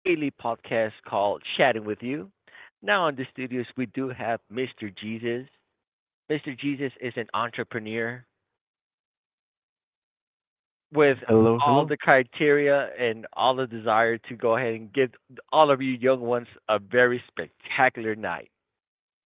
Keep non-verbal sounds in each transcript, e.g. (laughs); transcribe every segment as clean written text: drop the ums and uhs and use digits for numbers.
daily podcast called Chatting with You. Now in the studios we do have Mr. Jesus. Mr. Jesus is an entrepreneur with Hello, all hello. the criteria and all the desire to go ahead and give all of you young ones a very spectacular night.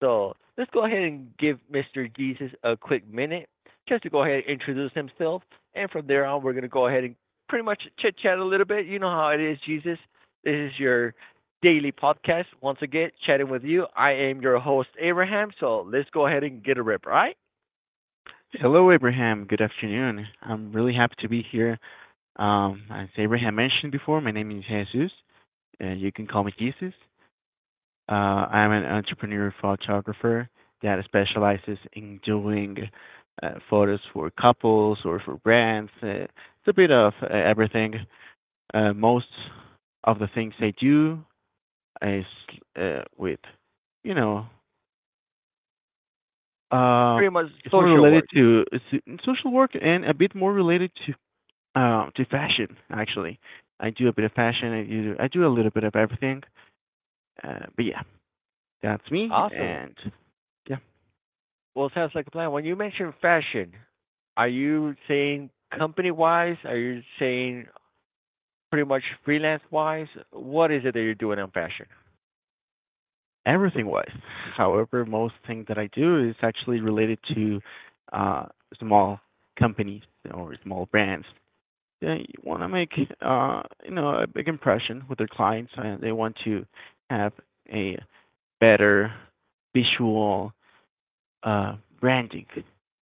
So let's go ahead and give Mr. Jesus a quick minute just to go ahead and introduce himself. And from there on, we're going to go ahead and pretty much chit chat a little bit. How it is, Jesus. This is your daily podcast. Once again, chatting with you. I am your host, Abraham. So let's go ahead and get a rip, all right? Hello, Abraham. Good afternoon. I'm really happy to be here. As Abraham mentioned before, my name is Jesus. You can call me Jesus. I'm an entrepreneur photographer that specializes in doing photos for couples or for brands. It's a bit of everything. Most of the things I do is with, you know, uh, Pretty much it's more social related work. to it's social work and a bit more related to fashion actually. I do a bit of fashion. I do a little bit of everything. But yeah, that's me Awesome. and yeah, Well, sounds like a plan. When you mention fashion, are you saying company wise? Are you saying pretty much freelance wise? What is it that you're doing on fashion? everything wise. However, most thing that I do is actually related to uh, small companies or small brands. They want to make you know a big impression with their clients, and they want to have a better visual branding,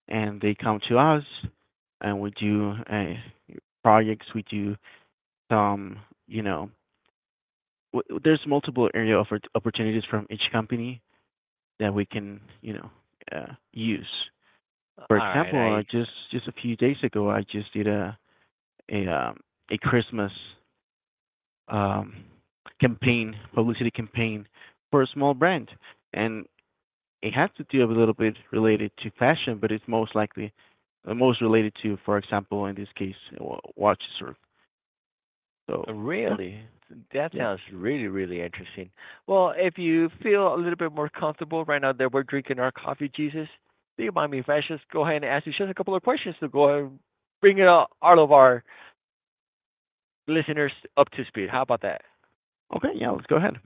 and they come to us, and we do a projects. We do some, you know, there's multiple area of opportunities from each company that we can, you know, use. For All right, example, I I just a few days ago, I just did a um, a Christmas um, campaign, publicity campaign for a small brand, and it has to do a little bit related to fashion, but it's most likely most related to, for example, in this case, watches or so. Yeah, really that yeah. sounds really really interesting. Well, if you feel a little bit more comfortable right now that we're drinking our coffee, Jesus, do you mind me if I just go ahead and ask you just a couple of questions to go ahead and bring it, all of our listeners up to speed? How about that? Okay, yeah. Let's go ahead.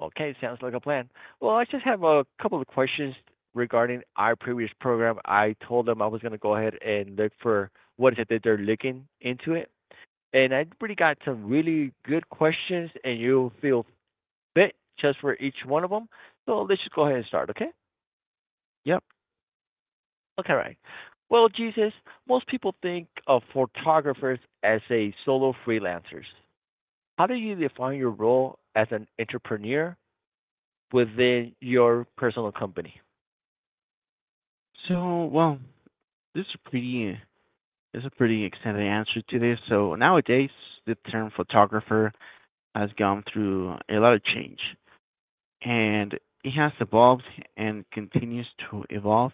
Okay, sounds like a plan. Well, I just have a couple of questions regarding our previous program. I told them I was going to go ahead and look for what is it that they're looking into it. And I pretty got some really good questions, and you'll feel fit just for each one of them. So let's just go ahead and start, okay? Yep. Okay, right. Well, Jesus, most people think of photographers as a solo freelancers. How do you define your role as an entrepreneur within your personal company? So, well, this is pretty this is a pretty extended answer to this. So nowadays, the term photographer has gone through a lot of change, and it has evolved and continues to evolve.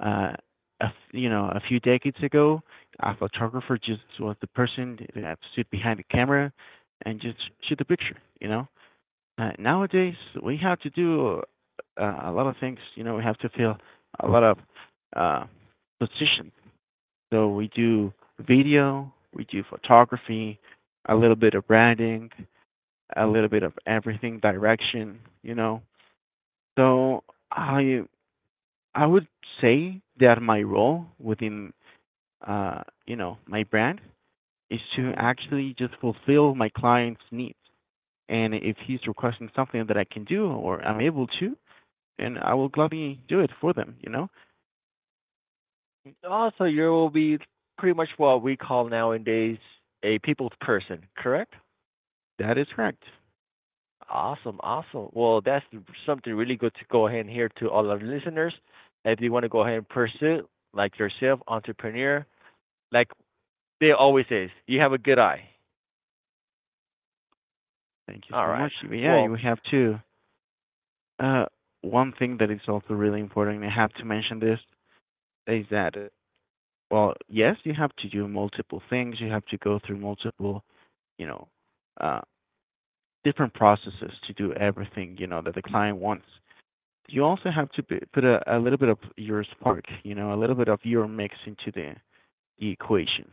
Uh, you know, a few decades ago, a photographer just was the person that stood behind the camera and just shoot the picture. You know, nowadays we have to do a lot of things. You know, we have to fill a lot of uh, positions. So we do video, we do photography, a little bit of branding, a little bit of everything, direction, you know. So I I would say that my role within you know my brand is to hmm actually just fulfill my client's needs. And if he's requesting something that I can do or I'm able to, and I will gladly do it for them, you know? Also, you will be pretty much what we call nowadays a people's person, correct? That is correct. Awesome, awesome. Well, that's something really good to go ahead and hear to all our listeners. If you want to go ahead and pursue, like yourself, entrepreneur, like they always say, you have a good eye. Thank you All so much. right. Yeah, you Well, have to. Uh, one thing that is also really important, I have to mention this, is that, well, yes, you have to do multiple things. You have to go through multiple, you know, uh, different processes to do everything, you know, that the client wants. You also have to put a little bit of your spark, you know, a little bit of your mix into the equation.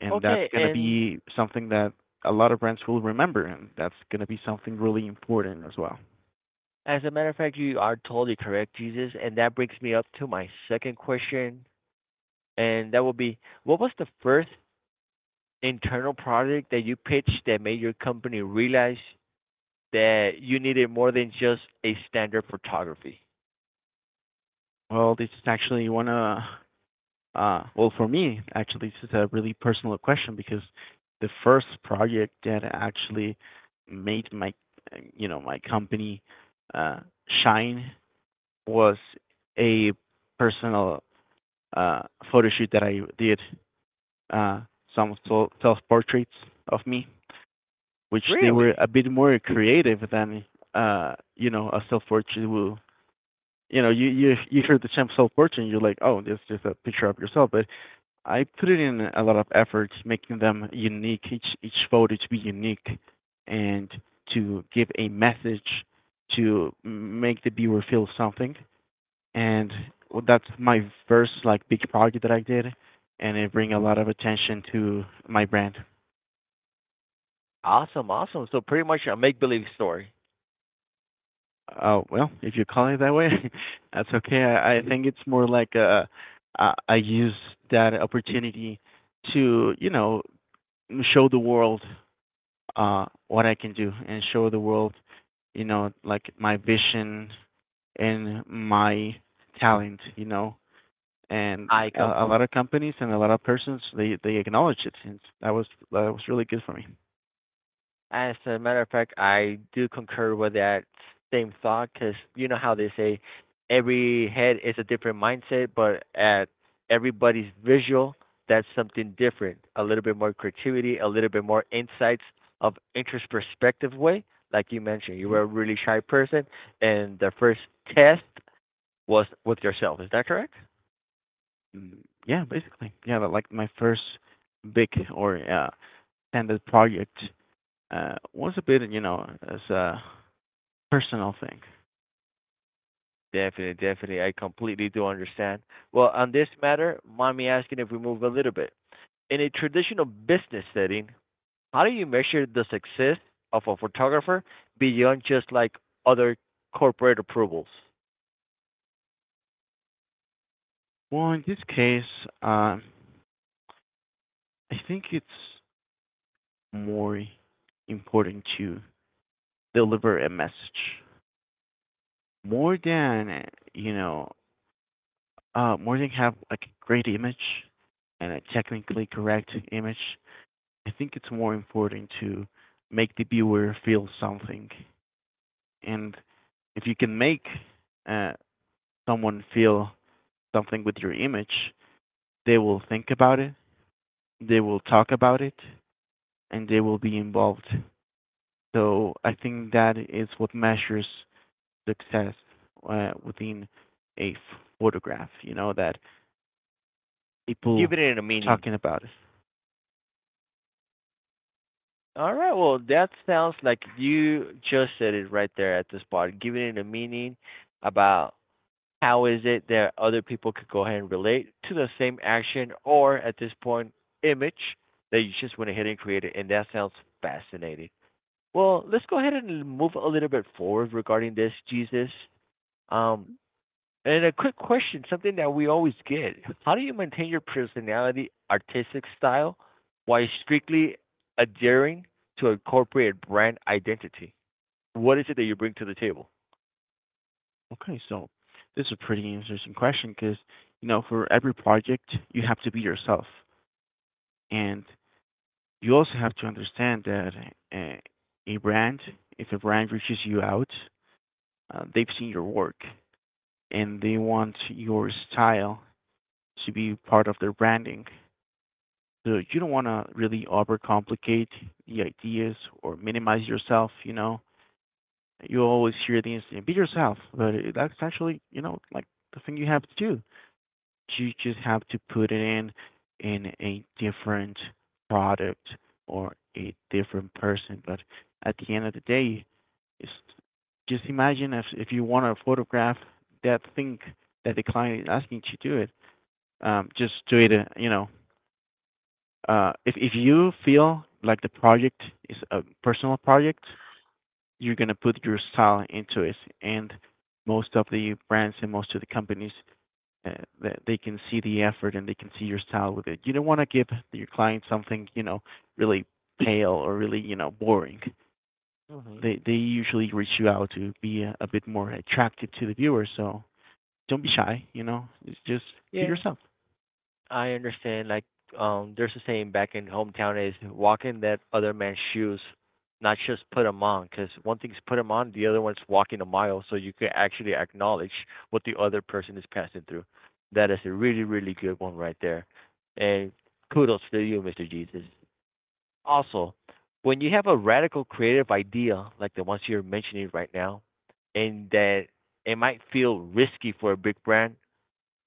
And that's okay. going to And be something that a lot of brands will remember, and that's going to be something really important as well. as a matter of fact, you are totally correct, Jesus. And that brings me up to my second question. And that will be what was the first internal project that you pitched that made your company realize that you needed more than just a standard photography? Well, this is actually one of. Well, for me, actually, this is a really personal question because the first project that actually made my, you know, my company uh, shine was a personal uh, photo shoot that I did. Uh, some self-portraits of me, which they were Really? a bit more creative than, you know, a self-portrait will. You know, you hear the term self-portrait, and you're like, oh, that's just a picture of yourself, but I put in a lot of efforts, making them unique, each photo to be unique, and to give a message to make the viewer feel something. And well, that's my first like big project that I did, and it bring a lot of attention to my brand. Awesome, awesome. So pretty much a make believe story. Oh well, if you call it that way, (laughs) that's okay. I think it's more like I use that opportunity to you know show the world what I can do and show the world, you know, like my vision and my talent, you know. And I com a lot of companies and a lot of persons they acknowledge it, and that was really good for me. As a matter of fact, I do concur with that same thought because you know how they say every head is a different mindset, but at everybody's visual, that's something different. A little bit more creativity, a little bit more insights of interest perspective way. Like you mentioned, you were a really shy person, and the first test was with yourself. Is that correct? Hmm. Yeah, basically, yeah, but like my first big or standard project was a bit, you know, as a personal thing. Definitely, definitely. I completely do understand. Well, on this matter, mind me asking if we move a little bit. In a traditional business setting, how do you measure the success of a photographer beyond just like other corporate approvals? Well, in this case, um, I think it's more important to deliver a message more than you know more than have like a great image and a technically correct image. I think it's more important to make the viewer feel something, and if you can make uh, someone feel something with your image, they will think about it, they will talk about it, and they will be involved. So I think that is what measures success within a photograph, you know, that people Giving it a meaning. talking about it. All right, well, that sounds like you just said it right there at the spot, giving it a meaning about how is it that other people could go ahead and relate to the same action or at this point image that you just went ahead and created, and that sounds fascinating. Well, let's go ahead and move a little bit forward regarding this, Jesus. um, and a quick question, something that we always get: how do you maintain your personality artistic style while strictly adhering to a corporate brand identity? What is it that you bring to the table? Okay, so this is a pretty interesting question because, you know, for every project, you have to be yourself. And you also have to understand that uh, a brand, if a brand reaches you out, they've seen your work and they want your style to be part of their branding. So you don't want to really overcomplicate the ideas or minimize yourself, you know. You always hear the instinct, be yourself, but that's actually, you know, like the thing you have to do. You just have to put it in a different product or a different person. But at the end of the day, it's, just imagine if you want to photograph that thing that the client is asking you to do it, just do it. You know, if if you feel like the project is a personal project, you're gonna put your style into it. And most of the brands and most of the companies uh, that they can see the effort and they can see your style with it. You don't want to give your client something you know really pale or really you know boring. Hmm They usually reach you out to be a bit more attractive to the viewer. So don't be shy. You know, it's just be Yeah, yourself. I understand. There's a saying back in hometown is walk in that other man's shoes, not just put them on. Because one thing's put them on, the other one's walking a mile, so you can actually acknowledge what the other person is passing through. That is a really, really good one right there. And kudos to you, Mr. Jesus. Also, when you have a radical creative idea like the ones you're mentioning right now, and that it might feel risky for a big brand,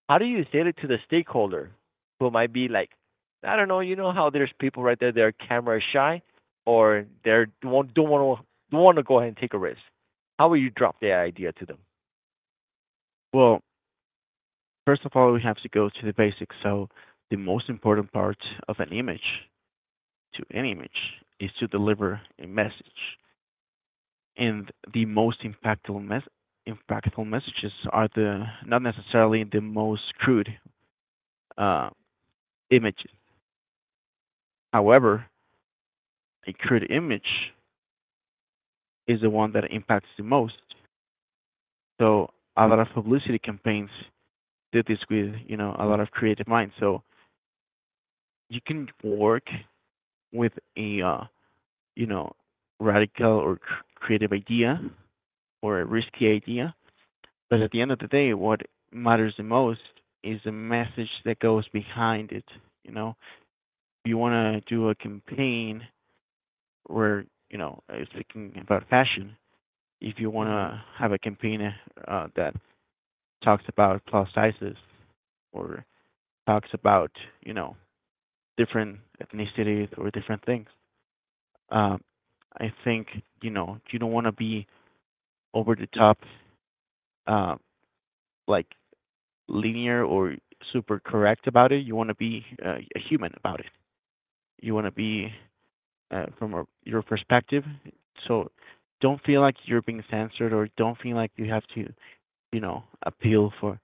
how do you say it to the stakeholder who might be like, I don't know, you know how there's people right there they're camera shy or they don't want to don't want to go ahead and take a risk. How will you drop the idea to them? Well, first of all, we have to go to the basics. So the most important part of an image to any image is to deliver a message. And the most impactful impactful messages are the not necessarily the most crude uh, images. However, a crude image is the one that impacts the most. So a lot of publicity campaigns did this with you know a lot of creative minds. So you can work with a you know radical or creative idea or a risky idea. But at the end of the day, what matters the most is the message that goes behind it. You know, if you want to do a campaign where, you know, speaking about fashion, if you want hmm to have a campaign that talks about plus sizes or talks about, you know, different ethnicities or different things, um, I think, you know, you don't want to be over the top, uh, like linear or super correct about it. You want to be a human about it. You want to be from your perspective. So don't feel like you're being censored or don't feel like you have to, you know, appeal for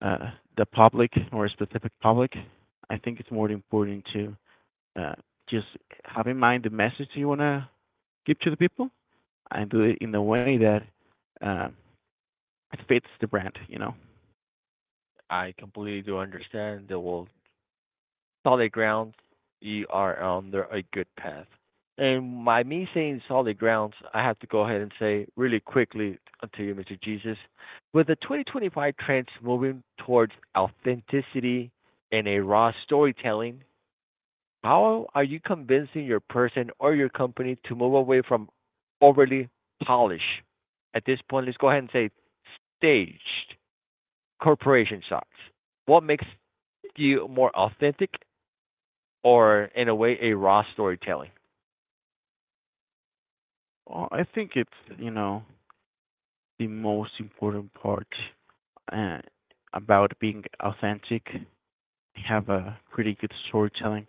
uh, the public or a specific public. I think it's more important to uh, just have in mind the message you want to give to the people and do it in a way that uh, fits the brand, you know. I completely do understand that. Well, solid grounds, you are on the, a good path. And by me saying solid grounds, I have to go ahead and say really quickly unto you, Mr. Jesus, with the 2025 trends moving towards authenticity and a raw storytelling, how are you convincing your person or your company to move away from overly polished? At this point, let's go ahead and say staged corporation shots. What makes you more authentic or in a way a raw storytelling? Well, I think it's, you know, the most important part uh, about being authentic, have a pretty good storytelling.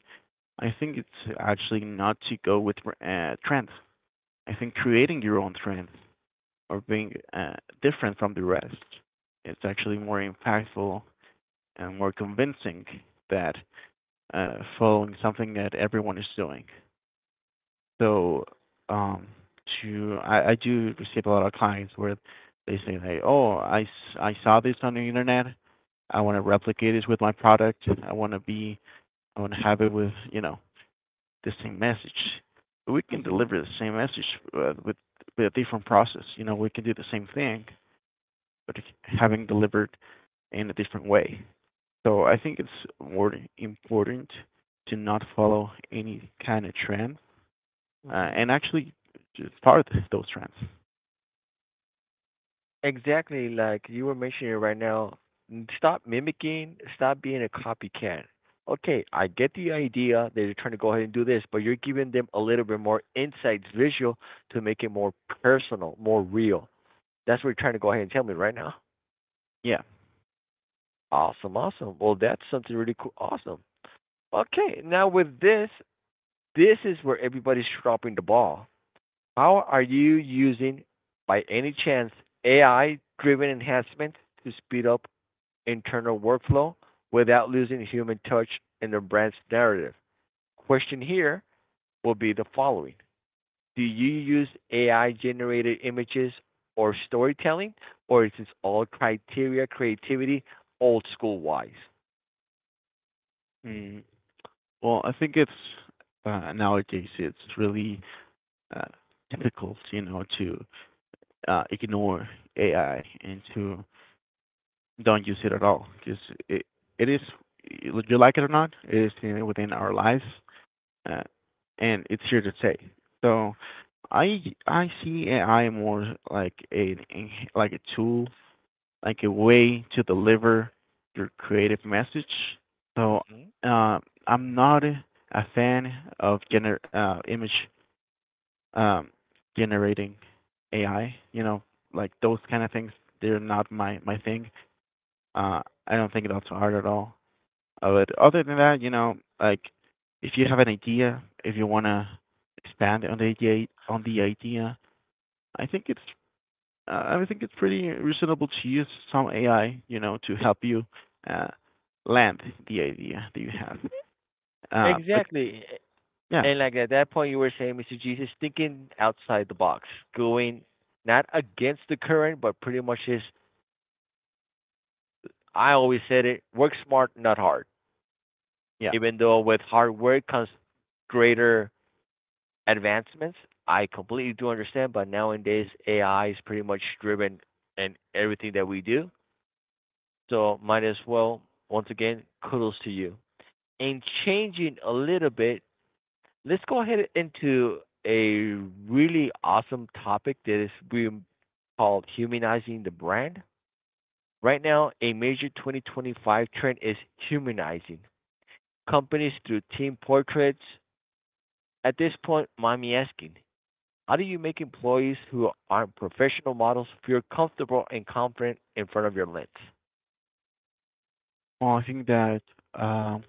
I think it's actually not to go with trends. I think creating your own trends or being different from the rest, it's actually more impactful and more convincing that following something that everyone is doing. So, um, to I do receive a lot of clients where they say, "Hey, oh, I saw this on the internet. I want to replicate it with my product. I want to have it with you know the same message. We can Mhm. deliver the same message with with a different process. You know, we can do the same thing, but having delivered in a different way. So I think it's more important to not follow any kind of trend Mhm. and actually start those trends. Exactly like you were mentioning right now. Stop mimicking. Stop being a copycat. Okay, I get the idea that you're trying to go ahead and do this, but you're giving them a little bit more insights, visual, to make it more personal, more real. That's what you're trying to go ahead and tell me right now. Yeah. Awesome, awesome. Well, that's something really cool. Awesome. Okay, now with this, this is where everybody's dropping the ball. How are you using, by any chance, AI-driven enhancements to speed up internal workflow without losing human touch in the brand's narrative? Question here will be the following: do you use AI-generated images or storytelling, or is this all criteria creativity old school wise? Mm, well, I think it's nowadays it's really uh, difficult, you know, to ignore AI and to don't use it at all because it it is you like it or not, it is within our lives uh, and it's here to stay. So I I see AI more like a tool, like a way to deliver your creative message. So hmm uh, I'm not a fan of um, generating AI. You know, like those kind of things. They're not my thing. Uh, I don't think that's hard at all. But other than that, like, if you have an idea, if you wanna expand on the idea, I think it's pretty reasonable to use some AI, to help you uh, land the idea that you have. But Exactly. yeah, And like at that point, you were saying, Mr. Jesus, thinking outside the box, going not against the current, but pretty much is. I always said it: work smart, not hard. yeah. Even though with hard work comes greater advancements, I completely do understand. But nowadays, AI is pretty much driven in everything that we do. So might as well, once again, kudos to you. And changing a little bit, let's go ahead into a really awesome topic that is being called humanizing the brand. Right now, a major 2025 trend is humanizing companies through team portraits. At this point, mind me asking, how do you make employees who aren't professional models feel comfortable and confident in front of your lens? Well, I think that um,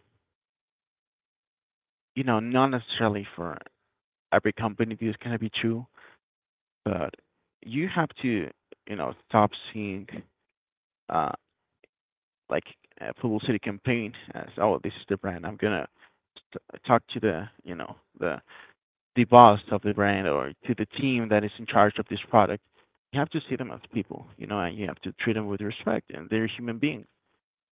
not necessarily for every company this is gonna be true, but you have to, stop seeing uh, like a publicity campaign as, "Oh, this is the brand. I'm gonna talk to the, the boss of the brand, or to the team that is in charge of this product." You have to see them as people, and you have to treat them with respect, and they're human beings.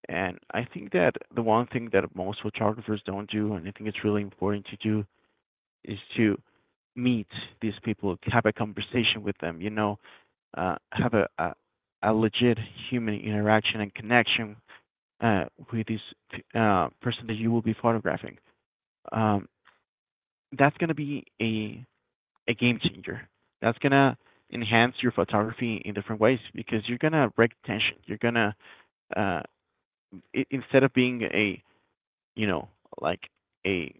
And I think that the one thing that most photographers don't do, and I think it's really important to do, is to meet these people, have a conversation with them, have a, legit human interaction and connection uh, with this person that you will be photographing. Um, that's going to be a game changer. That's going to enhance your photography in different ways, because you're going to break tension. You're going to, uh, instead of being a, you know like a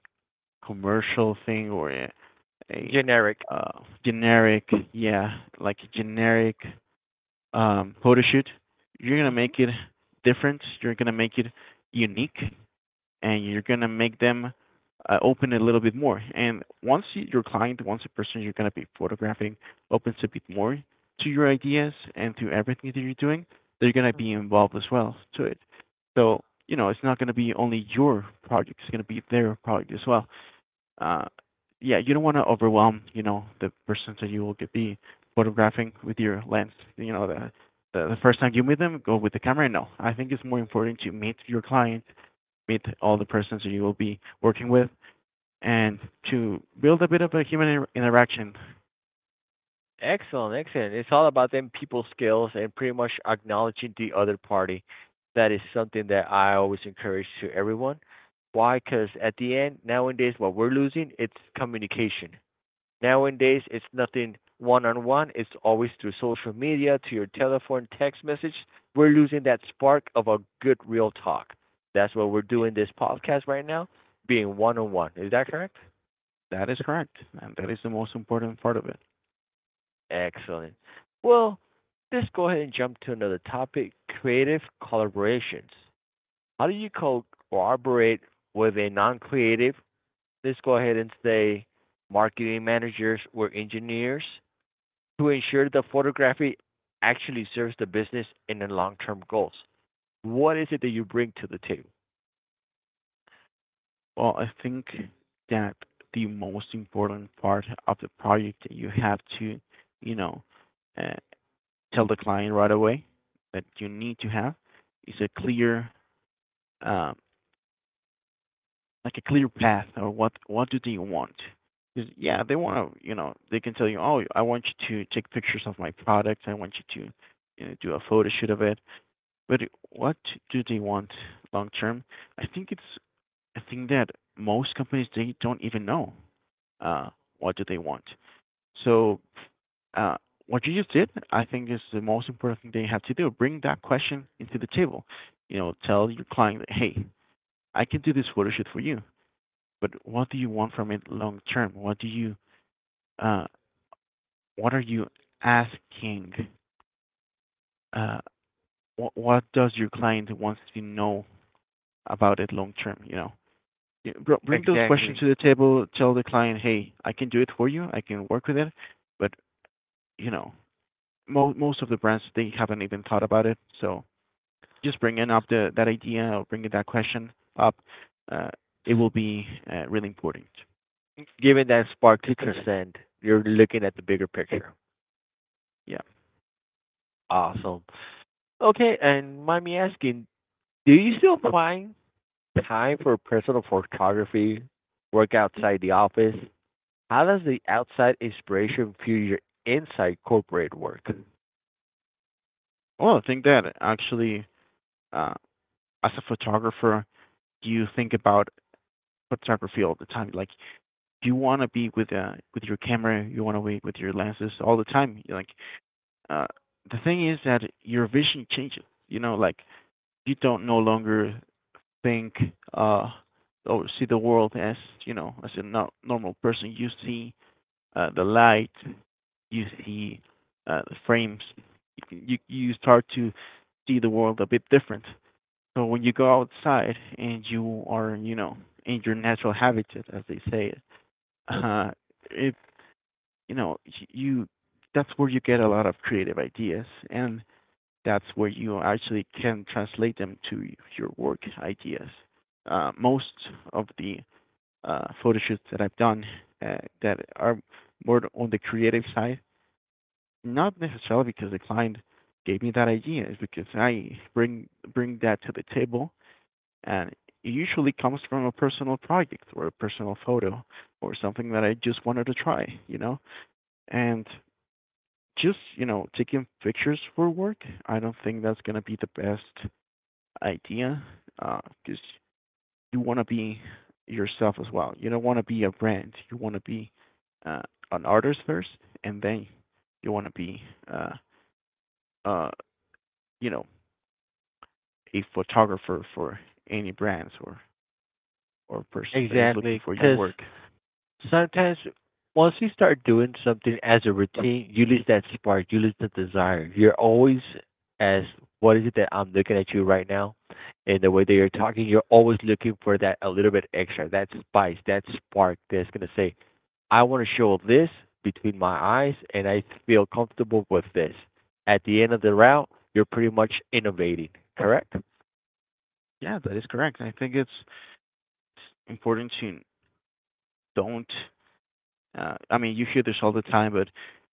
commercial thing or a, a Generic. Generic, yeah, like generic photo shoot, you're going to make it different. You're going to make it unique. And you're gonna make them open it a little bit more. And once you, your client, once the person you're gonna be photographing opens a bit more to your ideas and to everything that you're doing, they're gonna be involved as well to it. So, it's not gonna be only your project; it's gonna be their project as well. Uh, yeah, you don't want to overwhelm, the person that you will be photographing with your lens. You know, the, the first time you meet them, go with the camera. No, I think it's more important to meet your client, meet all the persons you will be working with, and to build a bit of a human interaction. Excellent, excellent. It's all about them people skills and pretty much acknowledging the other party. That is something that I always encourage to everyone. Why? Because at the end, nowadays, what we're losing, it's communication. Nowadays, it's nothing one on one. It's always through social media, to your telephone, text message. We're losing that spark of a good, real talk. That's what we're doing this podcast right now, being one on one. Is that correct? That is correct, and that is the most important part of it. Excellent. Well, let's go ahead and jump to another topic, creative collaborations. How do you co- Collaborate with a non creative, let's go ahead and say marketing managers or engineers, to ensure the photography actually serves the business and the long term goals? What is it that you bring to the table? Well, I think that the most important part of the project that you have to, you know, uh, tell the client right away that you need to have is a clear, uh, like a clear path. Or what, do they want? Because yeah, they want to, they can tell you, "Oh, I want you to take pictures of my product. I want you to, do a photo shoot of it." But what do they want long term? I think it's a thing that most companies, they don't even know uh, what do they want. So uh, what you just did, I think, is the most important thing they have to do. Bring that question into the table. You know, tell your client, "Hey, I can do this photo shoot for you, but what do you want from it long term? What do you, uh, what are you asking? Uh, what, does your client wants to know about it long term?" You know, bring those questions Exactly. to the table. Tell the client, "Hey, I can do it for you. I can work with it, but, you know, most of the brands they haven't even thought about it." So just bringing up the, that idea, or bringing that question up, uh, it will be really important. Given that spark to transcend, you're looking at the bigger picture. Yeah. Awesome. Okay, and mind me asking, do you still find time for personal photography, work outside the office? How does the outside inspiration fuel your inside corporate work? Well, I think that actually, uh, as a photographer, do you think about photography all the time? Like, do you want to be with, with your camera? You want to be with your lenses all the time? Like, uh, the thing is that your vision changes. You know, like, you don't no longer think uh or see the world as, you know, as a normal person. You see the light. You see the frames. You start to see the world a bit different. So when you go outside and you are, you know, in your natural habitat, as they say, uh, it, you know, you, that's where you get a lot of creative ideas, and that's where you actually can translate them to your work ideas. Most of the photo shoots that I've done, that are more on the creative side, not necessarily because the client gave me that idea, is because I bring that to the table, and it usually comes from a personal project or a personal photo, or something that I just wanted to try, you know? And just, you know, taking pictures for work, I don't think that's going to be the best idea, because 'cause you want to be yourself as well. You don't want to be a brand. You want to be uh, an artist first, and then you want to be, uh, uh, you know, a photographer for any brands, or, person that is looking Exactly, for your because work. sometimes once you start doing something as a routine, you lose that spark, you lose the desire. You're always as what is it that I'm looking at you right now, and the way that you're talking, you're always looking for that a little bit extra, that spice, that spark that's gonna say, I want to show this between my eyes and I feel comfortable with this. At the end of the route, you're pretty much innovating, correct? Yeah, that is correct. I think it's important to don't. I mean, you hear this all the time, but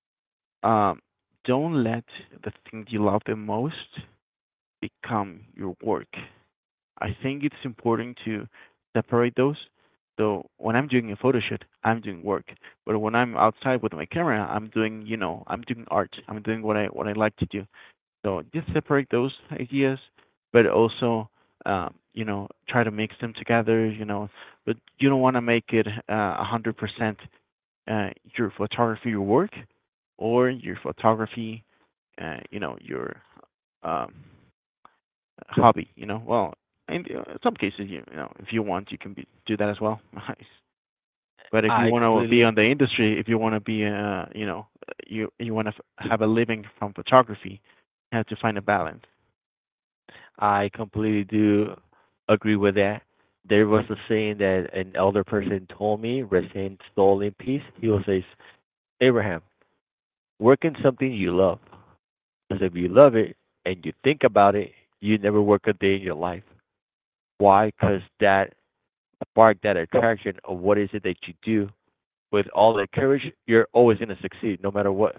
um, don't let the thing you love the most become your work. I think it's important to separate those. So when I'm doing a photo shoot, I'm doing work. But when I'm outside with my camera, I'm doing, you know, I'm doing art. I'm doing what I, what I like to do. So just separate those ideas, but also, you know, try to mix them together, you know, but you don't want to make it 100% uh, your photography, your work, or your photography, you know, your um, hobby, you know. Well, in some cases, you know, if you want, you can be, do that as well. (laughs) Nice. But if you I want to be completely on the industry, if you want to be, you know, you want to have a living from photography, you have to find a balance. I completely do agree with that. There was a saying that an elder person told me, rest in stolen peace. He will say, Abraham, work in something you love. Because if you love it and you think about it, you never work a day in your life. Why? Because that spark, that attraction of what is it that you do with all that courage, you're always going to succeed no matter what.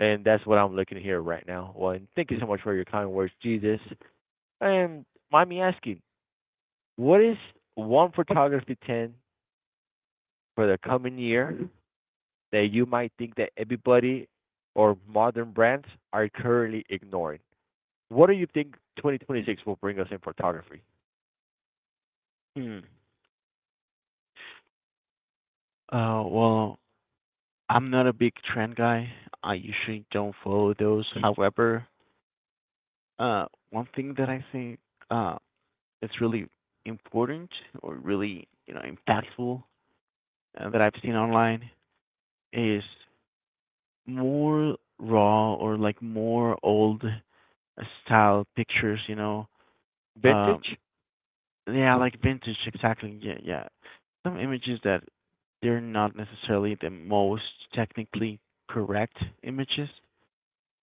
And that's what I'm looking here right now. Well, and thank you so much for your kind words, Jesus. And mind me asking, what is one photography 10 for the coming year that you might think that everybody or modern brands are currently ignoring? What do you think 2026 will bring us in photography? Hmm. Well, I'm not a big trend guy. I usually don't follow those. However, one thing that I think uh is really important, or really, you know, impactful, that I've seen online, is more raw, or like more old style pictures. You know, um, Vintage? yeah, like vintage, exactly. Yeah, yeah. Some images that they're not necessarily the most technically correct images.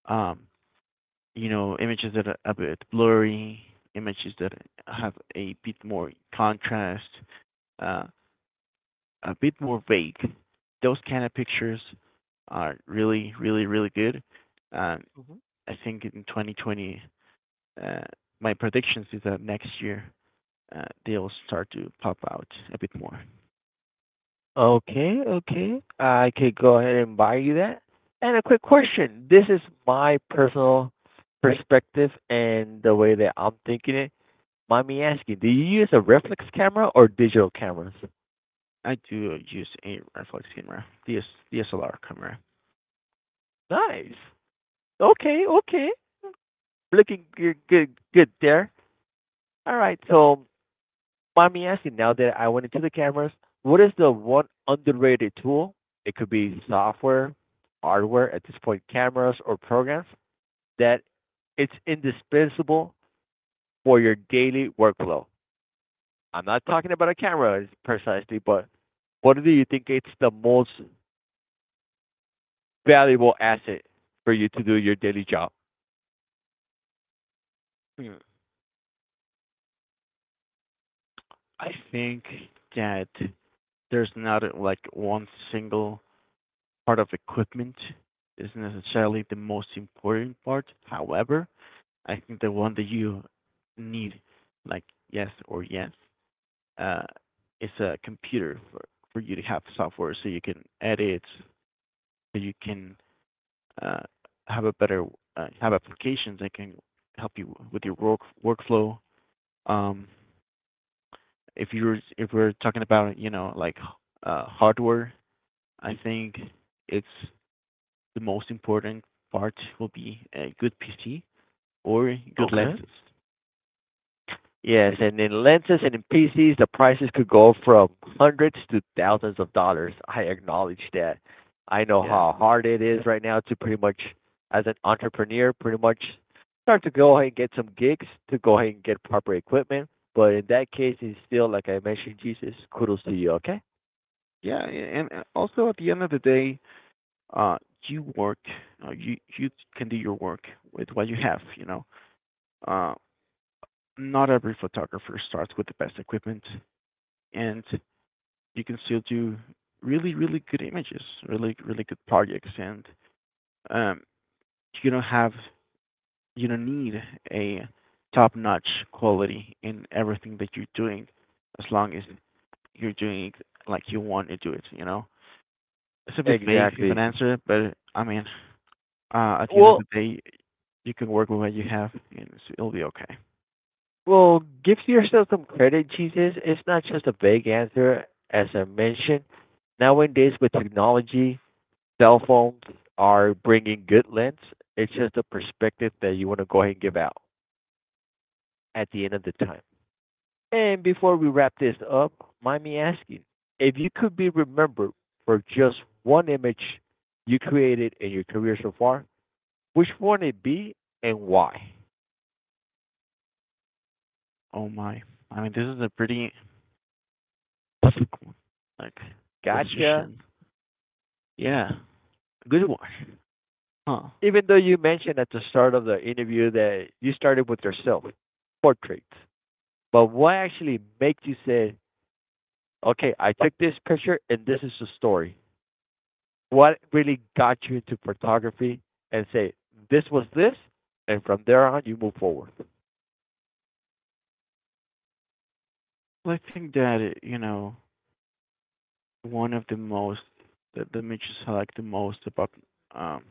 Um, you know, images that are a bit blurry, images that have a bit more contrast, uh, a bit more vague. Those kind of pictures are really, really, really good. Um, Mm-hmm. I think in 2020, uh, my predictions is that next year, they'll start to pop out a bit more. Okay, okay. I could go ahead and buy you that. And a quick question. This is my personal perspective and the way that I'm thinking it. Mind me asking, do you use a reflex camera or digital cameras? I do use a reflex camera, DSLR camera. Nice. Okay, okay. Looking good there. All right. So, mind me asking, now that I went into the cameras, what is the one underrated tool? It could be software, hardware, at this point, cameras or programs that it's indispensable for your daily workflow. I'm not talking about a camera precisely, but what do you think it's the most valuable asset for you to do your daily job? I think that there's not like one single part of equipment isn't necessarily the most important part. However, I think the one that you need, like, yes or yes, uh, is a computer, for, you to have software so you can edit, so you can uh, have a better, have applications that can help you with your hmm workflow. Um, if you're, if we're talking about, you know, like, hardware, I think it's the most important part will be a good PC or good Okay. lenses. Yes, and in lenses and in PCs, the prices could go from hundreds to thousands of dollars. I acknowledge that. I know Yeah, how hard it is right now to pretty much, as an entrepreneur, pretty much start to go ahead and get some gigs to go ahead and get proper equipment. But in that case, it's still like I mentioned, Jesus, kudos to you. Okay. yeah, yeah, and also at the end of the day, uh, you work, you can do your work with what you have. You know, uh, not every photographer starts with the best equipment, and you can still do really really good images, really really good projects, and um, you don't have, you don't need a top notch quality in everything that you're doing, as long as you're doing it like you want to do it, you know? It's a bit vague of an Exactly. answer, but I mean, at the end of Well, the day, you can work with what you have, and it's, it'll be okay. well, give yourself some credit, Jesus. It's not just a vague answer, as I mentioned. Nowadays, with technology, cell phones are bringing good lens. It's just a perspective that you want to go ahead and give out at the end of the time. And before we wrap this up, mind me asking if you could be remembered for just one image you created in your career so far, which one would it be and why? Oh my. I mean, this is a pretty difficult, like, Gotcha. decision. Yeah, good one. Huh. Even though you mentioned at the start of the interview that you started with yourself, portraits, but what actually makes you say, okay, I took this picture and this is the story? What really got you into photography and say this was this, and from there on you move forward. Well, I think that, you know, one of the most, the, matches I like the most about, um,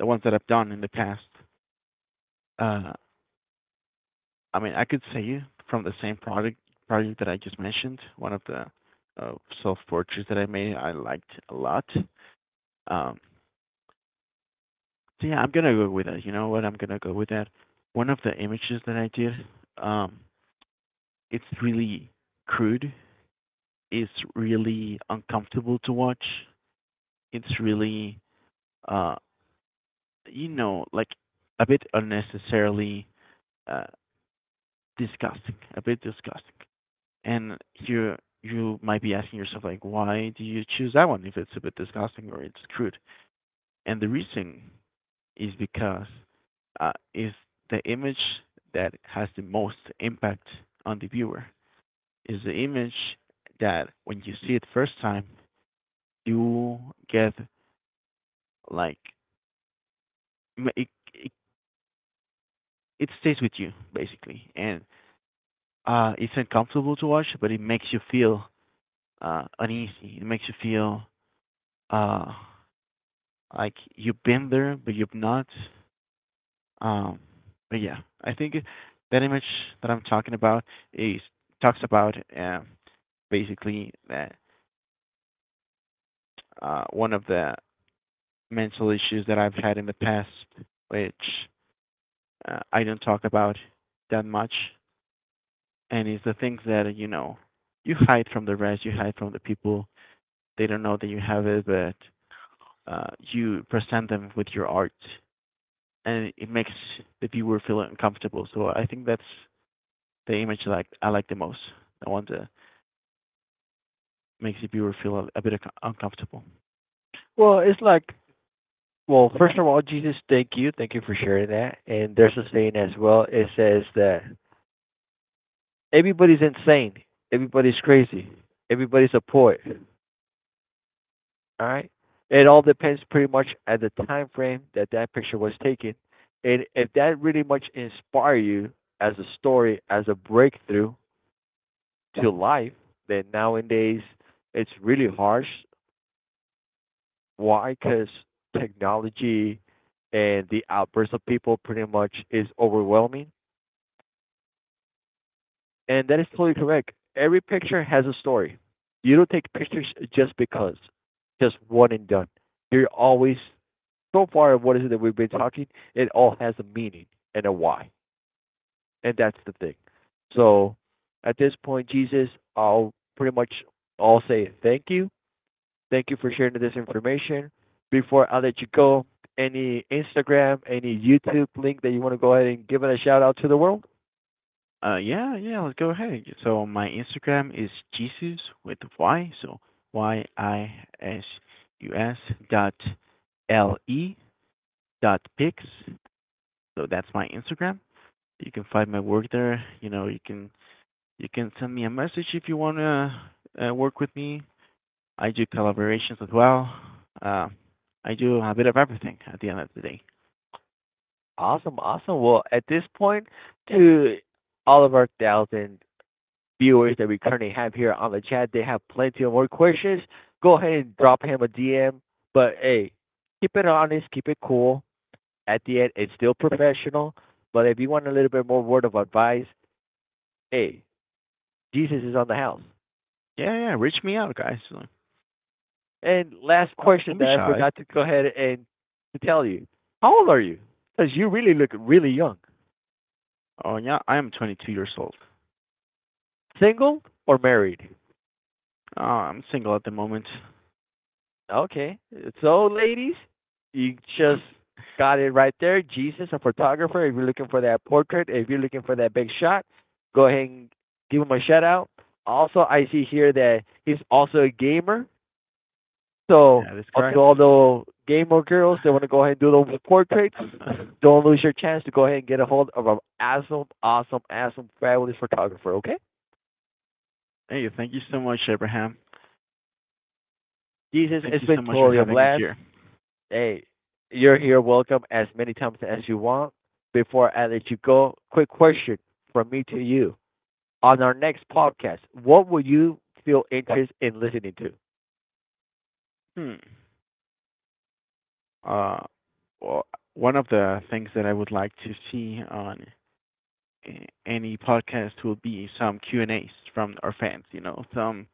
the ones that I've done in the past, uh, I mean, I could say you from the same project that I just mentioned, one of the uh, self portraits that I made, I liked a lot. Um, so yeah, I'm gonna go with that. You know what? I'm gonna go with that. One of the images that I did, um, it's really crude. It's really uncomfortable to watch. It's really, uh, you know, like a bit unnecessarily uh, disgusting. A bit disgusting. And you might be asking yourself, like, why do you choose that one if it's a bit disgusting or it's crude, and the reason is because is the image that has the most impact on the viewer, is the image that when you see it first time, you get, like, it, it, it stays with you basically, and it's uncomfortable to watch, but it makes you feel uneasy. It makes you feel, uh, like you've been there, but you've not. um but yeah, I think that image that I'm talking about is, talks about, basically that, one of the mental issues that I've had in the past, which I don't talk about that much, and it's the things that, you know, you hide from the rest, you hide from the people, they don't know that you have it, but you present them with your art, and it makes the viewer feel uncomfortable. So I think that's the image like I like the most, the one that makes the viewer feel a, bit uncomfortable. Well, it's like, well, first of all, Jesus, thank you, thank you for sharing that. And there's a saying as well. It says that everybody's insane, everybody's crazy, everybody's a poet. All right, it all depends pretty much at the time frame that picture was taken, and if that really much inspire you as a story, as a breakthrough to life, that nowadays it's really harsh. Why? Because technology and the outburst of people pretty much is overwhelming. And that is totally correct. Every picture has a story. You don't take pictures just because, just one and done. You're always so far of what is it that we've been talking. It all has a meaning and a why, and that's the thing. So at this point, Jesus, I'll pretty much all say thank you. Thank you for sharing this information. Before I let you go, any Instagram, any YouTube link that you want to go ahead and give it a shout out to the world? Yeah, yeah, let's go ahead. So my Instagram is Jesus with Y, so Y I S U S dot L E dot pics. So that's my Instagram. You can find my work there. You know, you can send me a message if you wanna work with me. I do collaborations as well. Uh, I do a bit of everything at the end of the day. Awesome, awesome. Well, at this point, to all of our thousand viewers that we currently have here on the chat, they have plenty of more questions. Go ahead and drop him a DM. But hey, keep it honest, keep it cool. At the end, it's still professional. But if you want a little bit more word of advice, hey, Jesus is on the house. Yeah, yeah, reach me out, guys. And last question Don't be that I shy. forgot to go ahead and to tell you. How old are you? Because you really look really young. Oh yeah, I am 22 years old. Single or married? I'm single at the moment. Okay. So, ladies, you just (laughs) got it right there. Jesus, a photographer. If you're looking for that portrait, if you're looking for that big shot, go ahead and give him a shout out. Also, I see here that he's also a gamer. So, That is to correct. all the gamer girls that want to go ahead and do those portraits, (laughs) don't lose your chance to go ahead and get a hold of an awesome, awesome, awesome, fabulous photographer, okay? Hey, thank you so much, Abraham. Jesus, Thank it's you so been much for totally a having me blast. here. Hey, you're here. Welcome as many times as you want. Before I let you go, quick question from me to you. On our next podcast, what would you feel interest in listening to? Hmm. Uh, well, one of the things that I would like to see on any podcast will be some Q&A's from our fans. You know, some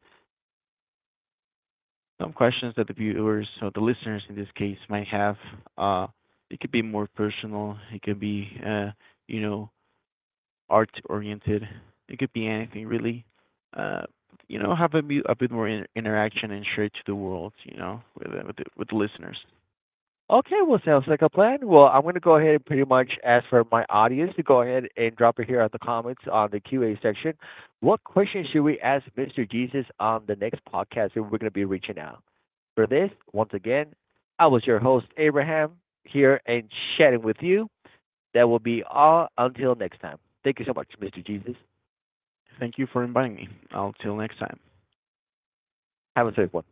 questions that the viewers or the listeners in this case might have. Uh, it could be more personal. It could be, you know, art oriented. It could be anything really. Uh, you know, have a, bit more interaction, and share it to the world. You know, with with the listeners. Okay, well, sounds like a plan. Well, I'm going to go ahead and pretty much ask for my audience to go ahead and drop it here on the comments on the Q&A section. What questions should we ask Mr. Jesus on the next podcast that we're going to be reaching out? For this, once again, I was your host, Abraham, here and chatting with you. That will be all until next time. Thank you so much, Mr. Jesus. Thank you for inviting me. I'll till next time. Have a safe one.